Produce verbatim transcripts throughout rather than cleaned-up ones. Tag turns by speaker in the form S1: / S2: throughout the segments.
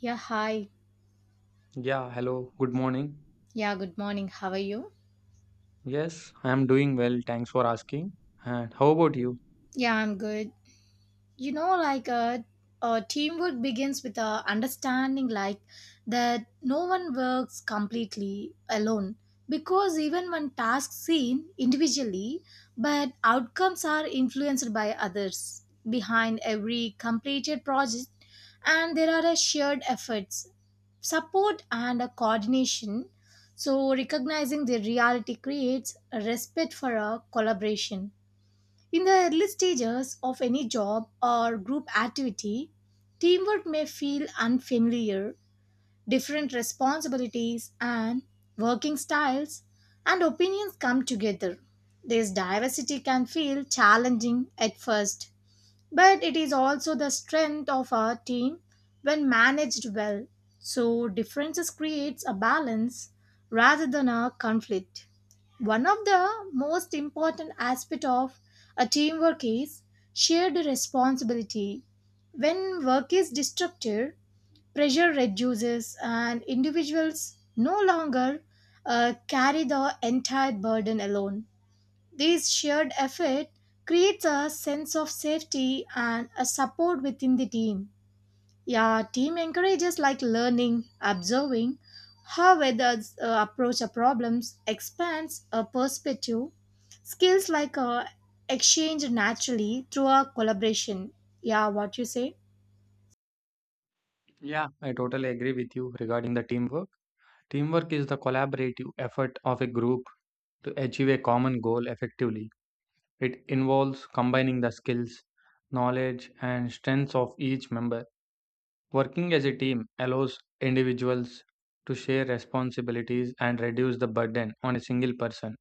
S1: Yeah, hi.
S2: Yeah, hello, good morning.
S1: Yeah, good morning. How are you?
S2: Yes, I am doing well. Thanks for asking. And how about you?
S1: Yeah, I'm good. you know like a, a teamwork begins with a understanding like that no one works completely alone because even when tasks seen individually but outcomes are influenced by others behind every completed project and there are a shared efforts support and a coordination, so recognizing the reality creates a respect for a collaboration. In the early stages of any job or group activity, teamwork may feel unfamiliar. Different responsibilities and working styles and opinions come together. This diversity can feel challenging at first, but it is also the strength of our team when managed well. So differences creates a balance rather than a conflict. One of the most important aspects of a teamwork is shared responsibility. When work is distributed, pressure reduces and individuals no longer uh, carry the entire burden alone. This shared effort creates a sense of safety and a support within the team. Yeah, team encourages like learning, observing how others uh, approach a problems, expands a perspective. Skills like uh, exchange naturally through a collaboration. Yeah, what you say?
S2: Yeah, I totally agree with you regarding the teamwork. Teamwork is the collaborative effort of a group to achieve a common goal effectively. It involves combining the skills, knowledge, and strengths of each member. Working as a team allows individuals to share responsibilities and reduce the burden on a single person.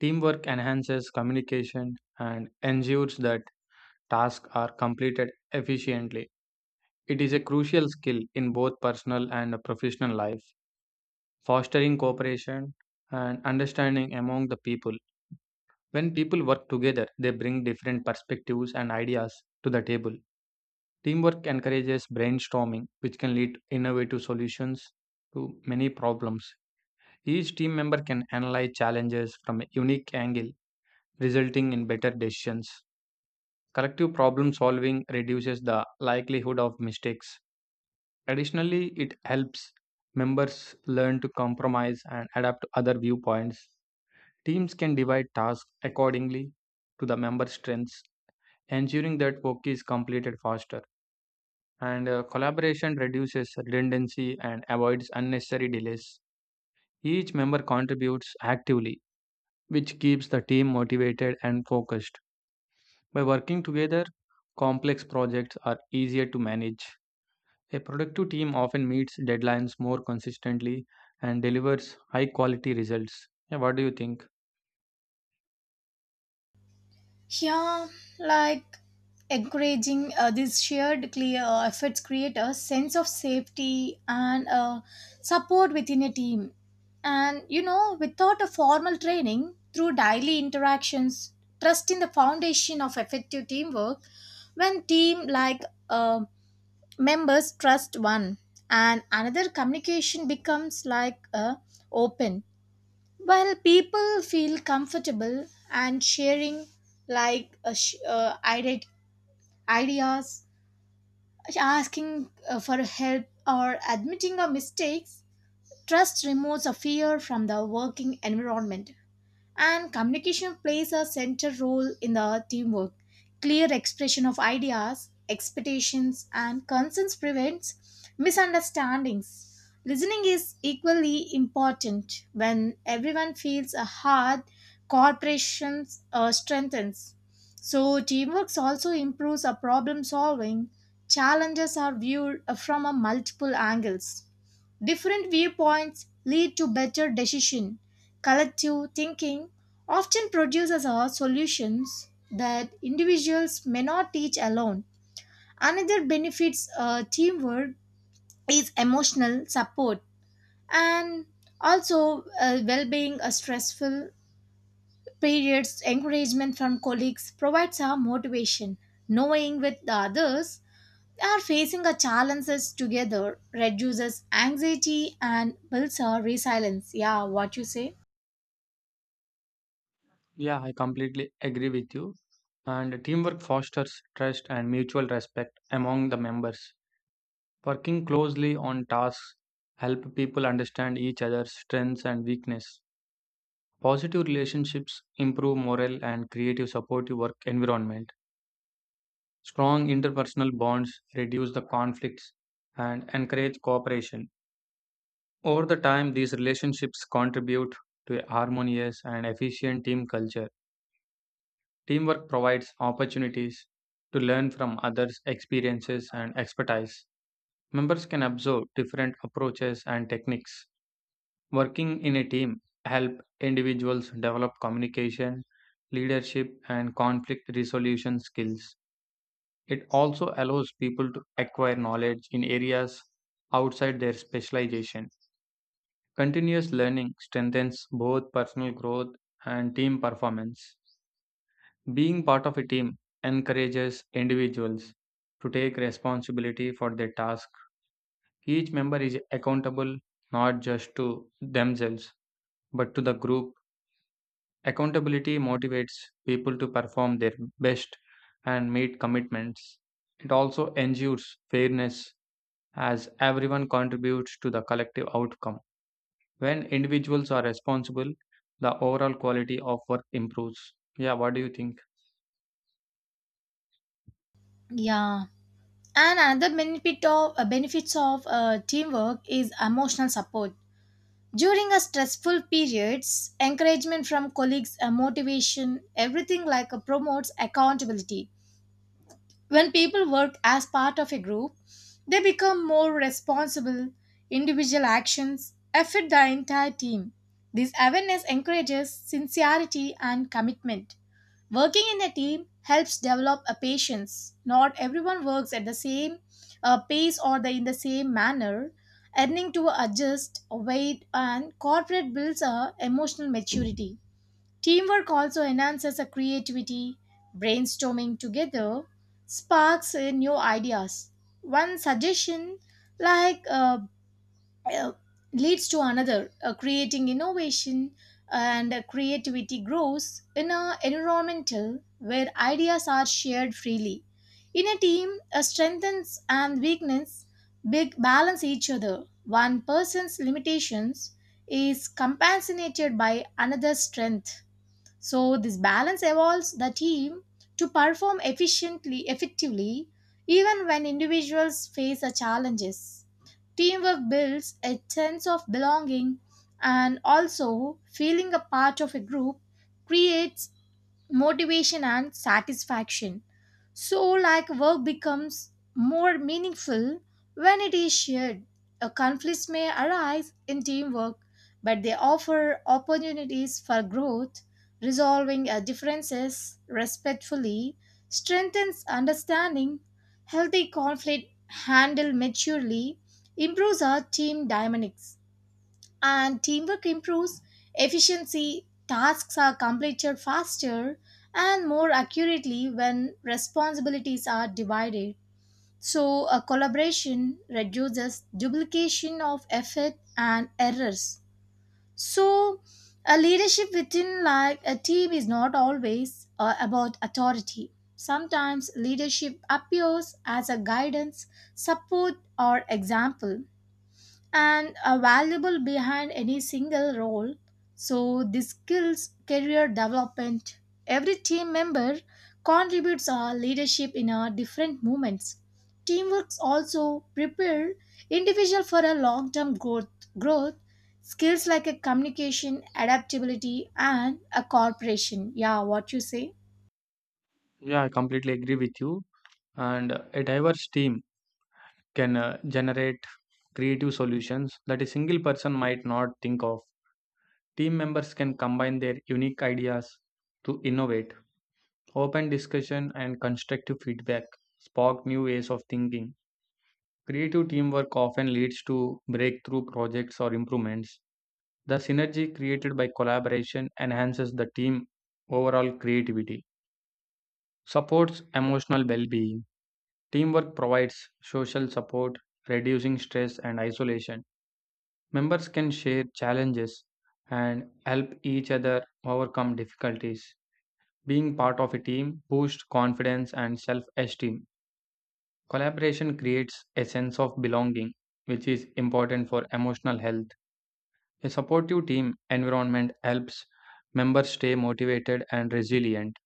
S2: Teamwork enhances communication and ensures that tasks are completed efficiently. It is a crucial skill in both personal and professional life, fostering cooperation and understanding among the people. When people work together, they bring different perspectives and ideas to the table. Teamwork encourages brainstorming, which can lead to innovative solutions to many problems. Each team member can analyze challenges from a unique angle, resulting in better decisions. Collective problem solving reduces the likelihood of mistakes. Additionally, it helps members learn to compromise and adapt to other viewpoints. Teams can divide tasks accordingly to the member strengths, ensuring that work is completed faster. And uh, collaboration reduces redundancy and avoids unnecessary delays. Each member contributes actively, which keeps the team motivated and focused. By working together, complex projects are easier to manage. A productive team often meets deadlines more consistently and delivers high quality results. Yeah, what do you think?
S1: Yeah, like encouraging uh, these shared clear uh, efforts create a sense of safety and uh, support within a team. And you know, without a formal training, through daily interactions, trust in the foundation of effective teamwork. When team like uh, members trust one, and another communication becomes like uh, open well, people feel comfortable and sharing like uh, sh- uh, ide- ideas, asking uh, for help, or admitting our mistakes. Trust removes a fear from the working environment. And communication plays a central role in the teamwork. Clear expression of ideas, expectations, and concerns prevents misunderstandings. Listening is equally important when everyone feels a heart, cooperation uh, strengthens. So, teamwork also improves our problem solving. Challenges are viewed uh, from a multiple angles. Different viewpoints lead to better decision. Collective thinking often produces our solutions that individuals may not teach alone. Another benefits uh, teamwork is emotional support and also uh, well-being. A stressful periods encouragement from colleagues provides our motivation, knowing with the others are facing our challenges together reduces anxiety and builds our resilience. Yeah, what you say?
S2: Yeah, I completely agree with you. And teamwork fosters trust and mutual respect among the members. Working closely on tasks help people understand each other's strengths and weakness. Positive relationships improve morale and create a supportive work environment. Strong interpersonal bonds reduce the conflicts and encourage cooperation. Over the time, these relationships contribute to a harmonious and efficient team culture. Teamwork provides opportunities to learn from others' experiences and expertise. Members can absorb different approaches and techniques. Working in a team help individuals develop communication, leadership, and conflict resolution skills. It also allows people to acquire knowledge in areas outside their specialization. Continuous learning strengthens both personal growth and team performance. Being part of a team encourages individuals to take responsibility for their task. Each member is accountable not just to themselves but to the group. Accountability motivates people to perform their best and meet commitments. It also ensures fairness as everyone contributes to the collective outcome. When individuals are responsible, the overall quality of work improves. Yeah, what do you think?
S1: Yeah. And another benefit of uh, benefits of uh, teamwork is emotional support. During a stressful periods, encouragement from colleagues, uh, motivation, everything like uh, promotes accountability. When people work as part of a group, they become more responsible. Individual actions affect the entire team. This awareness encourages sincerity and commitment. Working in a team helps develop a patience. Not everyone works at the same uh, pace or the, in the same manner. Learning to adjust, wait, and corporate builds a emotional maturity. Teamwork also enhances our creativity. Brainstorming together sparks uh, new ideas. One suggestion, like uh, uh, leads to another, uh, creating innovation and uh, creativity grows in a environmental where ideas are shared freely. In a team, a strengths and weakness big balance each other. One person's limitations is compensated by another's strength. So this balance evolves the team to perform efficiently, effectively, even when individuals face the challenges. Teamwork builds a sense of belonging, and also feeling a part of a group creates motivation and satisfaction. So, like work becomes more meaningful when it is shared. A conflicts may arise in teamwork, but they offer opportunities for growth. Resolving uh, differences respectfully strengthens understanding. Healthy conflict handled maturely improves our team dynamics, and teamwork improves efficiency. Tasks are completed faster and more accurately when responsibilities are divided, so a collaboration reduces duplication of effort and errors. So a leadership within like a team is not always uh, about authority. Sometimes leadership appears as a guidance, support, or example, and are valuable behind any single role. So, the skills career development. Every team member contributes our leadership in our different movements. Teamwork also prepare individual for a long-term growth. Growth skills like a communication, adaptability, and a cooperation. Yeah, what you say?
S2: Yeah, I completely agree with you. And a diverse team can uh, generate creative solutions that a single person might not think of. Team members can combine their unique ideas to innovate. Open discussion and constructive feedback spark new ways of thinking. Creative teamwork often leads to breakthrough projects or improvements. The synergy created by collaboration enhances the team overall creativity, supports emotional well being. Teamwork provides social support, reducing stress and isolation. Members can share challenges and help each other overcome difficulties. Being part of a team boosts confidence and self esteem. Collaboration creates a sense of belonging, which is important for emotional health. A supportive team environment helps members stay motivated and resilient.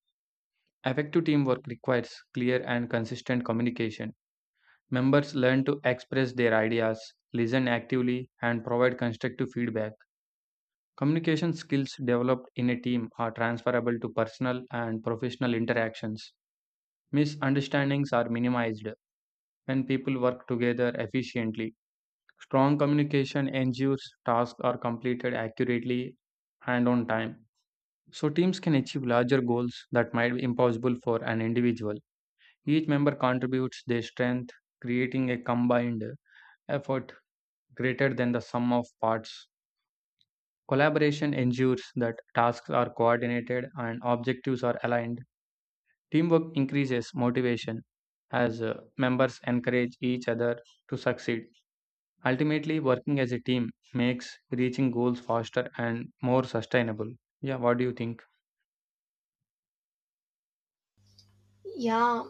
S2: Effective teamwork requires clear and consistent communication. Members learn to express their ideas, listen actively, and provide constructive feedback. Communication skills developed in a team are transferable to personal and professional interactions. Misunderstandings are minimized when people work together efficiently. Strong communication ensures tasks are completed accurately and on time. So teams can achieve larger goals that might be impossible for an individual. Each member contributes their strength, creating a combined effort greater than the sum of parts. Collaboration ensures that tasks are coordinated and objectives are aligned. Teamwork increases motivation as uh, members encourage each other to succeed. Ultimately, working as a team makes reaching goals faster and more sustainable. Yeah, what do you think?
S1: Yeah,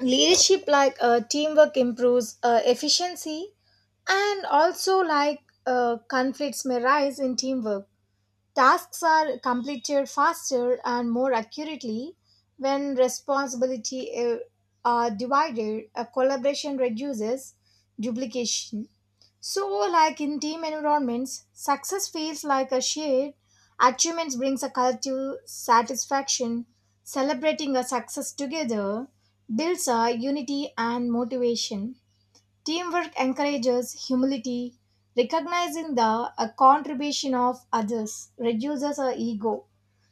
S1: leadership like uh, teamwork improves uh, efficiency, and also like uh, conflicts may rise in teamwork. Tasks are completed faster and more accurately when responsibility uh, are divided, a collaboration reduces duplication. So like in team environments, success feels like a shared achievements brings a collective satisfaction. Celebrating a success together builds a unity and motivation. Teamwork encourages humility, recognizing the uh, contribution of others reduces our ego.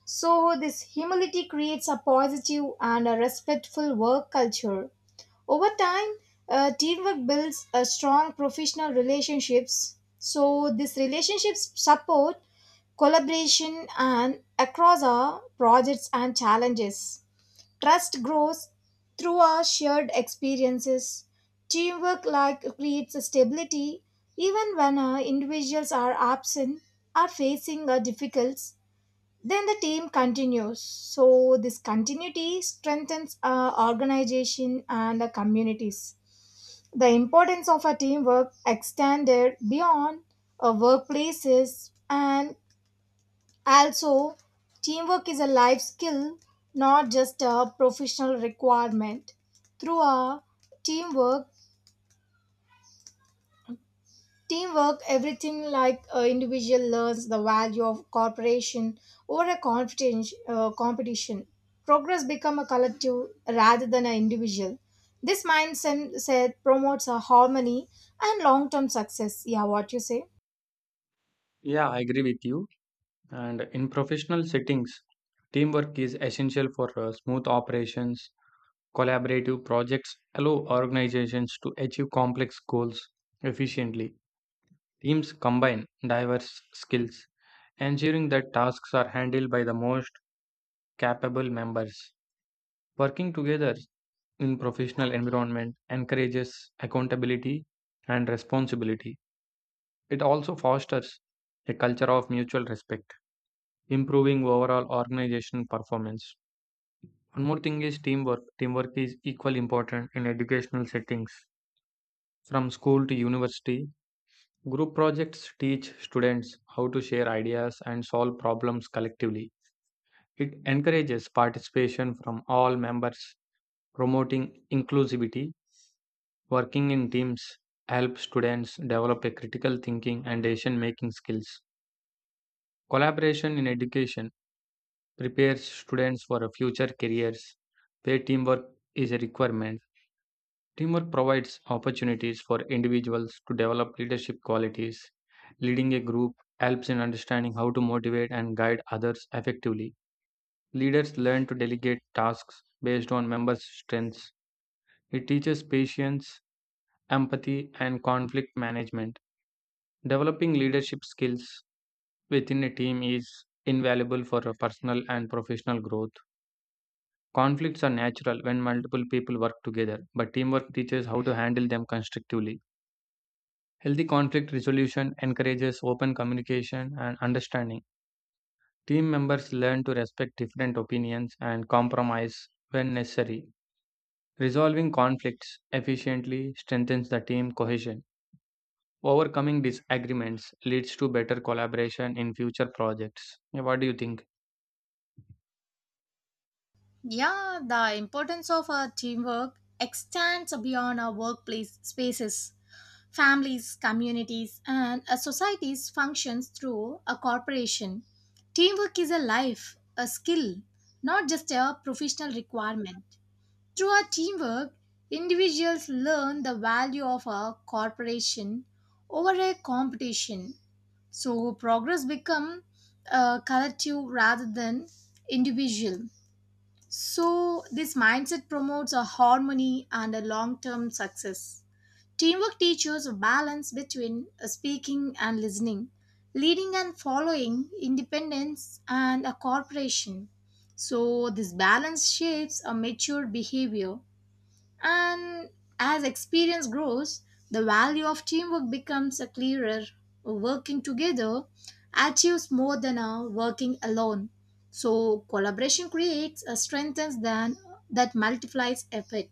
S1: So, this humility creates a positive and a respectful work culture. Over time, uh, teamwork builds a strong professional relationships. So, these relationships support collaboration and across our projects and challenges. Trust grows through our shared experiences. Teamwork like creates stability even when uh, individuals are absent or facing a difficulties. Then the team continues. So this continuity strengthens uh, organization and uh, communities. The importance of a teamwork extended beyond uh, workplaces, and also, teamwork is a life skill, not just a professional requirement. Through a teamwork, teamwork, everything like an individual learns the value of cooperation over a competition. Uh, competition. Progress become a collective rather than an individual. This mindset promotes a harmony and long-term success. Yeah, what you say?
S2: Yeah, I agree with you. And in professional settings, teamwork is essential for uh, smooth operations. Collaborative projects allow organizations to achieve complex goals efficiently. Teams combine diverse skills, ensuring that tasks are handled by the most capable members. Working together in professional environment encourages accountability and responsibility. It also fosters a culture of mutual respect, improving overall organization performance. One more thing is teamwork. Teamwork is equally important in educational settings. From school to university, group projects teach students how to share ideas and solve problems collectively. It encourages participation from all members, promoting inclusivity. Working in teams helps students develop a critical thinking and decision making skills. Collaboration in education prepares students for a future careers where teamwork is a requirement. Teamwork provides opportunities for individuals to develop leadership qualities. Leading a group helps in understanding how to motivate and guide others effectively. Leaders learn to delegate tasks based on members' strengths. It teaches patience, empathy, and conflict management. Developing leadership skills within a team is invaluable for a personal and professional growth. Conflicts are natural when multiple people work together, but teamwork teaches how to handle them constructively. Healthy conflict resolution encourages open communication and understanding. Team members learn to respect different opinions and compromise when necessary. Resolving conflicts efficiently strengthens the team cohesion. Overcoming disagreements leads to better collaboration in future projects. Yeah, what do you think?
S1: Yeah, the importance of our teamwork extends beyond our workplace spaces. Families, communities, and a society's functions through a corporation. Teamwork is a life, a skill, not just a professional requirement. Through our teamwork, individuals learn the value of a corporation over a competition. So progress becomes a collective rather than individual. So, this mindset promotes a harmony and a long term success. Teamwork teaches a balance between uh, speaking and listening, leading and following, independence and a cooperation. So, this balance shapes a mature behavior, and as experience grows, the value of teamwork becomes a clearer. Working together achieves more than uh, working alone. So collaboration creates a strength than that multiplies effort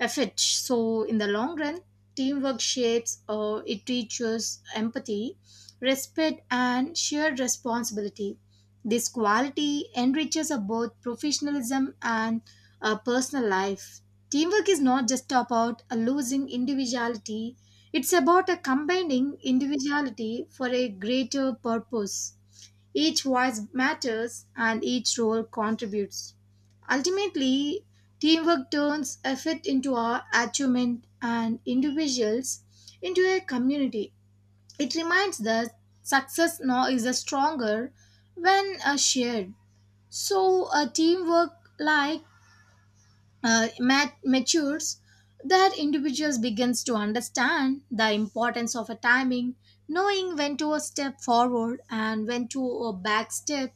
S1: effect. So, in the long run, teamwork shapes or it teaches empathy, respect, and shared responsibility. This quality enriches uh, both professionalism and uh, personal life. Teamwork is not just about uh, losing individuality, it's about uh, combining individuality for a greater purpose. Each voice matters and each role contributes. Ultimately, teamwork turns effort into our achievement and individuals into a community. It reminds us success now is a stronger when uh, shared. So, a teamwork like uh, mat- matures that individuals begins to understand the importance of a timing, knowing when to a step forward and when to a back step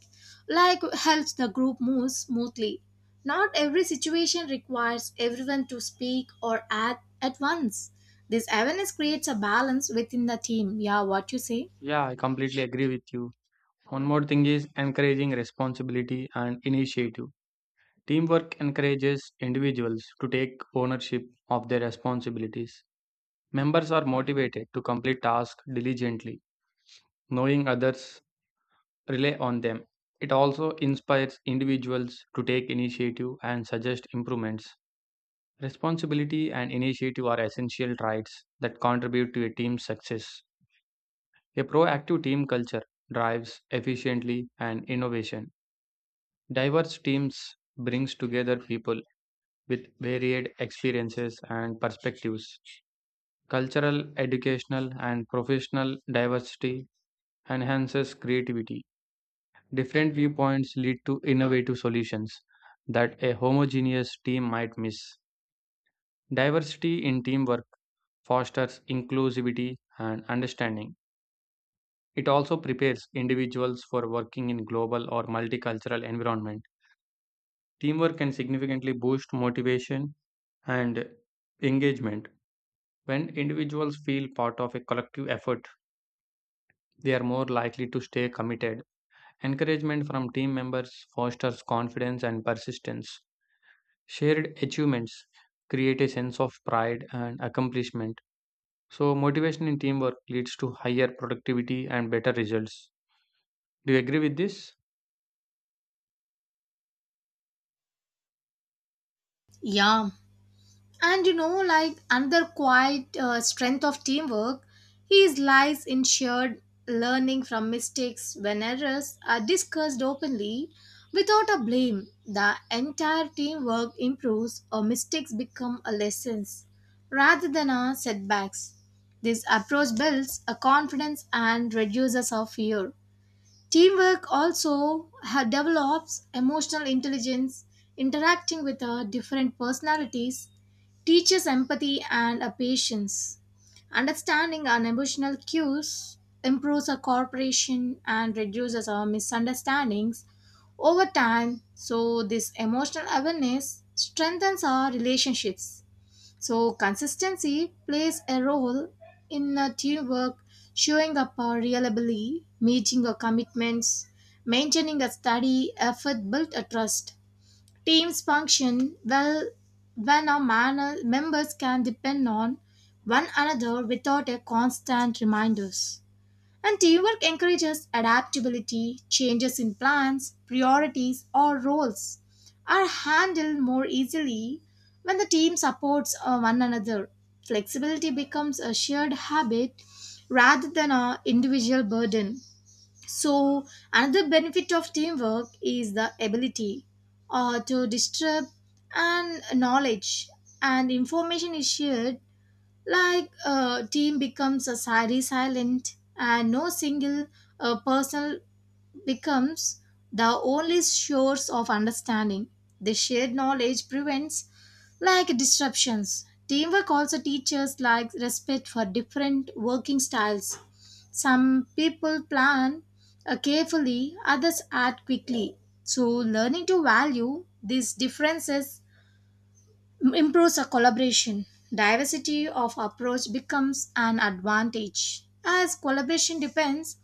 S1: like helps the group move smoothly. Not every situation requires everyone to speak or act at once. This awareness creates a balance within the team. Yeah, what you say?
S2: Yeah, I completely agree with you. One more thing is encouraging responsibility and initiative. Teamwork encourages individuals to take ownership of their responsibilities. Members are motivated to complete tasks diligently, knowing others rely on them. It also inspires individuals to take initiative and suggest improvements. Responsibility and initiative are essential traits that contribute to a team's success. A proactive team culture drives efficiently and innovation. Diverse teams brings together people with varied experiences and perspectives. Cultural, educational, and professional diversity enhances creativity. Different viewpoints lead to innovative solutions that a homogeneous team might miss. Diversity in teamwork fosters inclusivity and understanding. It also prepares individuals for working in global or multicultural environment. Teamwork can significantly boost motivation and engagement. When individuals feel part of a collective effort, they are more likely to stay committed. Encouragement from team members fosters confidence and persistence. Shared achievements create a sense of pride and accomplishment. So, motivation in teamwork leads to higher productivity and better results. Do you agree with this?
S1: Yeah. And you know, like another quiet uh, strength of teamwork is lies in shared learning from mistakes when errors are discussed openly without a blame. The entire teamwork improves, or mistakes become a lessons rather than a setbacks. This approach builds a confidence and reduces our fear. Teamwork also ha- develops emotional intelligence, interacting with uh, different personalities, teaches empathy and uh, patience. Understanding our emotional cues improves our cooperation and reduces our misunderstandings over time. So, this emotional awareness strengthens our relationships. So, consistency plays a role in uh, teamwork, showing up uh, reliably, meeting your commitments, maintaining a steady effort, built a trust. Teams function well when our man- members can depend on one another without a constant reminders. And teamwork encourages adaptability, changes in plans, priorities, or roles are handled more easily when the team supports uh, one another. Flexibility becomes a shared habit rather than an individual burden. So, another benefit of teamwork is the ability uh, to distribute and knowledge and information is shared like a team becomes a sari silent and no single uh, person becomes the only source of understanding. The shared knowledge prevents like disruptions. Teamwork also teaches like respect for different working styles. Some people plan uh, carefully, others act quickly, so learning to value these differences m- improves our collaboration. Diversity of approach becomes an advantage. As collaboration depends,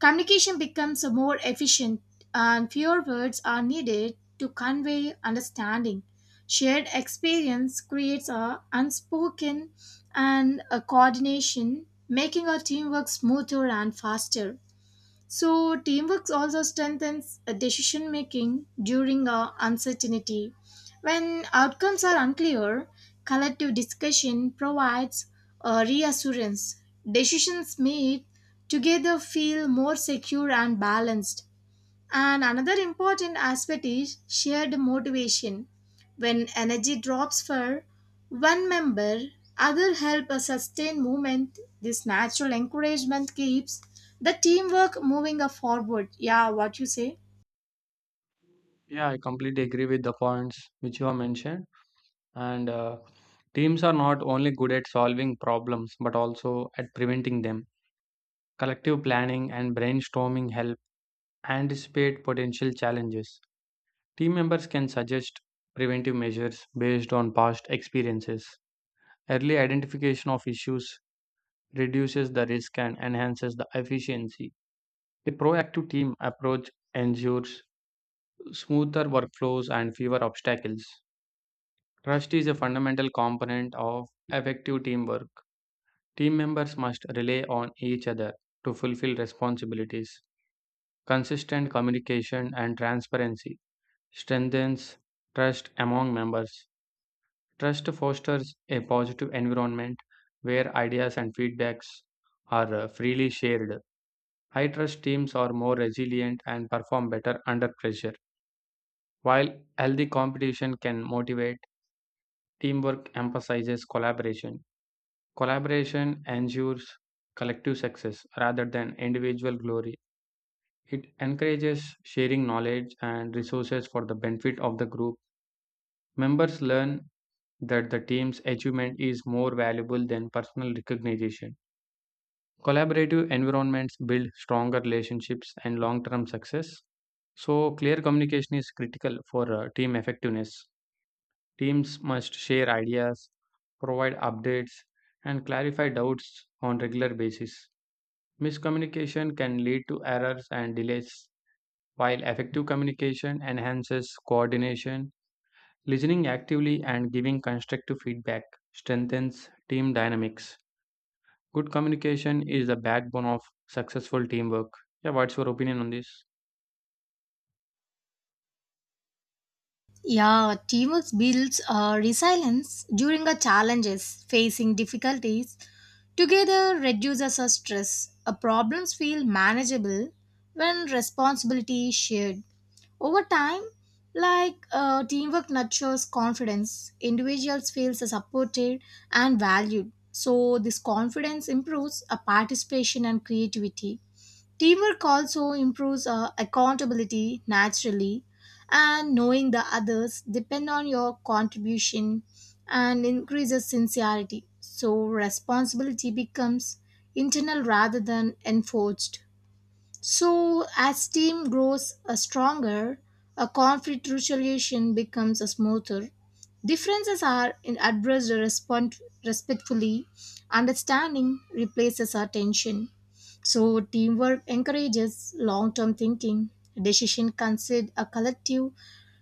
S1: communication becomes more efficient and fewer words are needed to convey understanding. Shared experience creates a unspoken and a coordination, making our teamwork smoother and faster. So, teamwork also strengthens uh, decision making during uh, uncertainty. When outcomes are unclear, collective discussion provides a reassurance. Decisions made together feel more secure and balanced. And another important aspect is shared motivation. When energy drops for one member, other help a sustain movement. This natural encouragement keeps the teamwork moving forward. Yeah, what you say?
S2: Yeah, I completely agree with the points which you have mentioned. And uh, teams are not only good at solving problems but also at preventing them. Collective planning and brainstorming help anticipate potential challenges. Team members can suggest preventive measures based on past experiences. Early identification of issues reduces the risk and enhances the efficiency. A proactive team approach ensures smoother workflows and fewer obstacles. Trust is a fundamental component of effective teamwork. Team members must rely on each other to fulfill responsibilities. Consistent communication and transparency strengthens trust among members. Trust fosters a positive environment where ideas and feedbacks are uh, freely shared. High trust teams are more resilient and perform better under pressure, while healthy competition can motivate. Teamwork emphasizes collaboration. Collaboration ensures collective success rather than individual glory. It encourages sharing knowledge and resources for the benefit of the group. Members learn that the team's achievement is more valuable than personal recognition. Collaborative environments build stronger relationships and long term success. So, clear communication is critical for uh, team effectiveness. Teams must share ideas, provide updates, and clarify doubts on regular basis. Miscommunication can lead to errors and delays, while effective communication enhances coordination. Listening actively and giving constructive feedback strengthens team dynamics. Good communication is the backbone of successful teamwork. Yeah, what's your opinion on this?
S1: Yeah, teamwork builds uh, resilience during our challenges, facing difficulties. Together reduces our stress. Our problems feel manageable when responsibility is shared. Over time, like uh, teamwork nurtures confidence, individuals feel supported and valued. So this confidence improves our participation and creativity. Teamwork also improves uh, accountability naturally, and knowing the others depend on your contribution and increases sincerity. So responsibility becomes internal rather than enforced. So as team grows uh, stronger, a conflict resolution becomes a smoother. Differences are in addressed respond- respectfully. Understanding replaces attention. So, teamwork encourages long term thinking. Decision consider a collective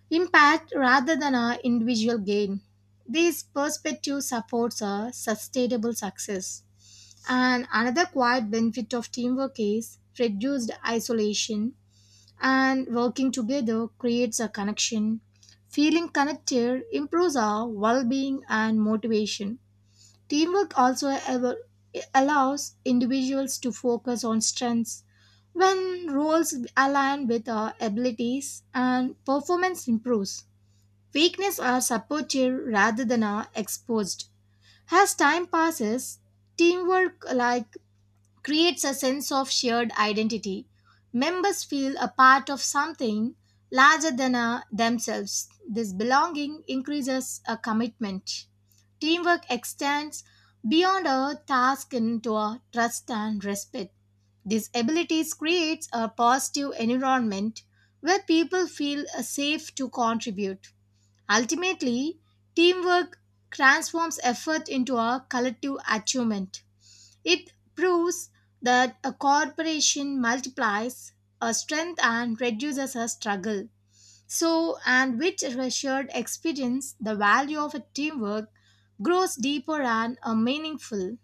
S1: impact rather than a individual gain. This perspective supports a sustainable success. And another quiet benefit of teamwork is reduced isolation, and working together creates a connection. Feeling connected improves our well being and motivation. Teamwork also al- allows individuals to focus on strengths when roles align with our abilities and performance improves. Weaknesses are supported rather than are exposed. As time passes, teamwork like creates a sense of shared identity. Members feel a part of something larger than uh, themselves. This belonging increases a commitment. Teamwork extends beyond a task into a trust and respect. These abilities creates a positive environment where people feel uh, safe to contribute. Ultimately, teamwork transforms effort into a collective achievement. It proves that a corporation multiplies a strength and reduces a struggle. So, and with a shared experience, the value of a teamwork grows deeper and uh, meaningful.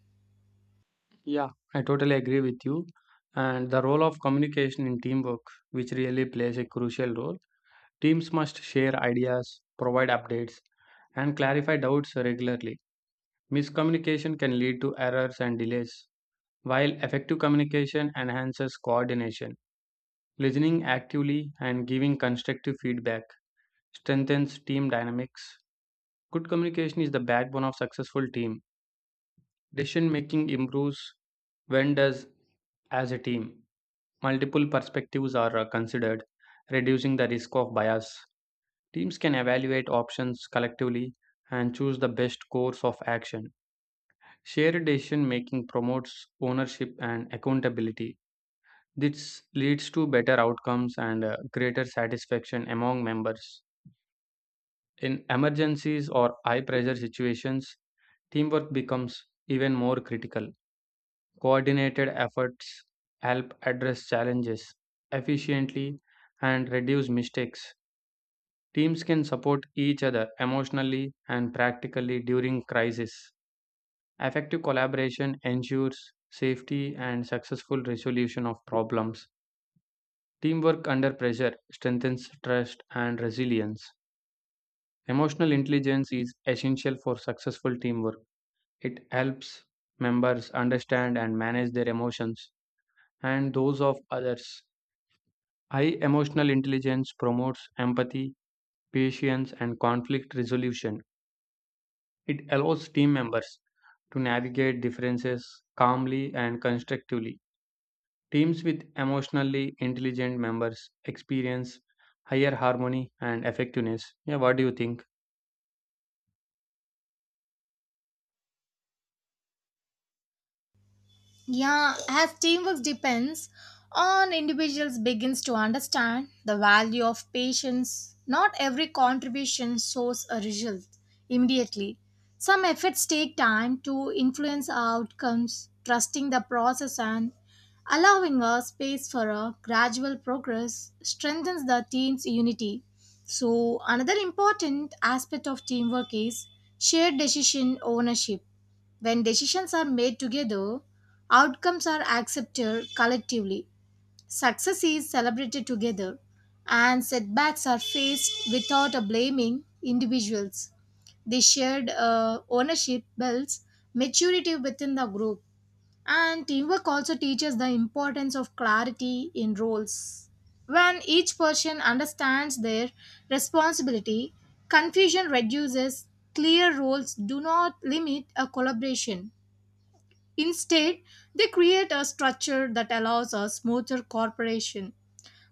S2: I totally agree with you. And the role of communication in teamwork, which really plays a crucial role, teams must share ideas, provide updates, and clarify doubts regularly. Miscommunication can lead to errors and delays, while effective communication enhances coordination. Listening actively and giving constructive feedback strengthens team dynamics. Good communication is the backbone of successful team. Decision making improves when does as a team multiple perspectives are uh, considered, reducing the risk of bias. Teams can evaluate options collectively and choose the best course of action. Shared decision making promotes ownership and accountability. This leads to better outcomes and uh, greater satisfaction among members. In emergencies or high pressure situations, teamwork becomes even more critical. Coordinated efforts help address challenges efficiently and reduce mistakes. Teams can support each other emotionally and practically during crisis. Effective collaboration ensures safety and successful resolution of problems. Teamwork under pressure strengthens trust and resilience. Emotional intelligence is essential for successful teamwork. It helps members understand and manage their emotions and those of others. High emotional intelligence promotes empathy, patience, and conflict resolution. It allows team members to navigate differences calmly and constructively. Teams with emotionally intelligent members experience higher harmony and effectiveness. Yeah, what do you think?
S1: Yeah, as teamwork depends on individuals begins to understand the value of patience. Not every contribution shows a result immediately. Some efforts take time to influence outcomes, trusting the process and allowing a space for a gradual progress strengthens the team's unity. So another important aspect of teamwork is shared decision ownership. When decisions are made together, outcomes are accepted collectively. Success is celebrated together, and setbacks are faced without a blaming individuals. The shared uh, ownership builds maturity within the group, and teamwork also teaches the importance of clarity in roles. When each person understands their responsibility, confusion reduces. Clear roles do not limit a collaboration. Instead, they create a structure that allows a smoother cooperation.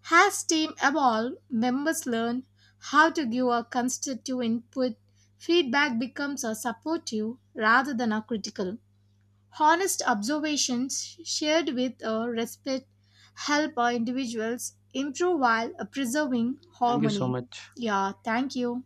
S1: As team evolve, members learn how to give a constructive input. Feedback becomes a supportive rather than a critical. Honest observations shared with a respect help our individuals improve while preserving
S2: Thank you so
S1: harmony.
S2: much.
S1: Yeah, thank you.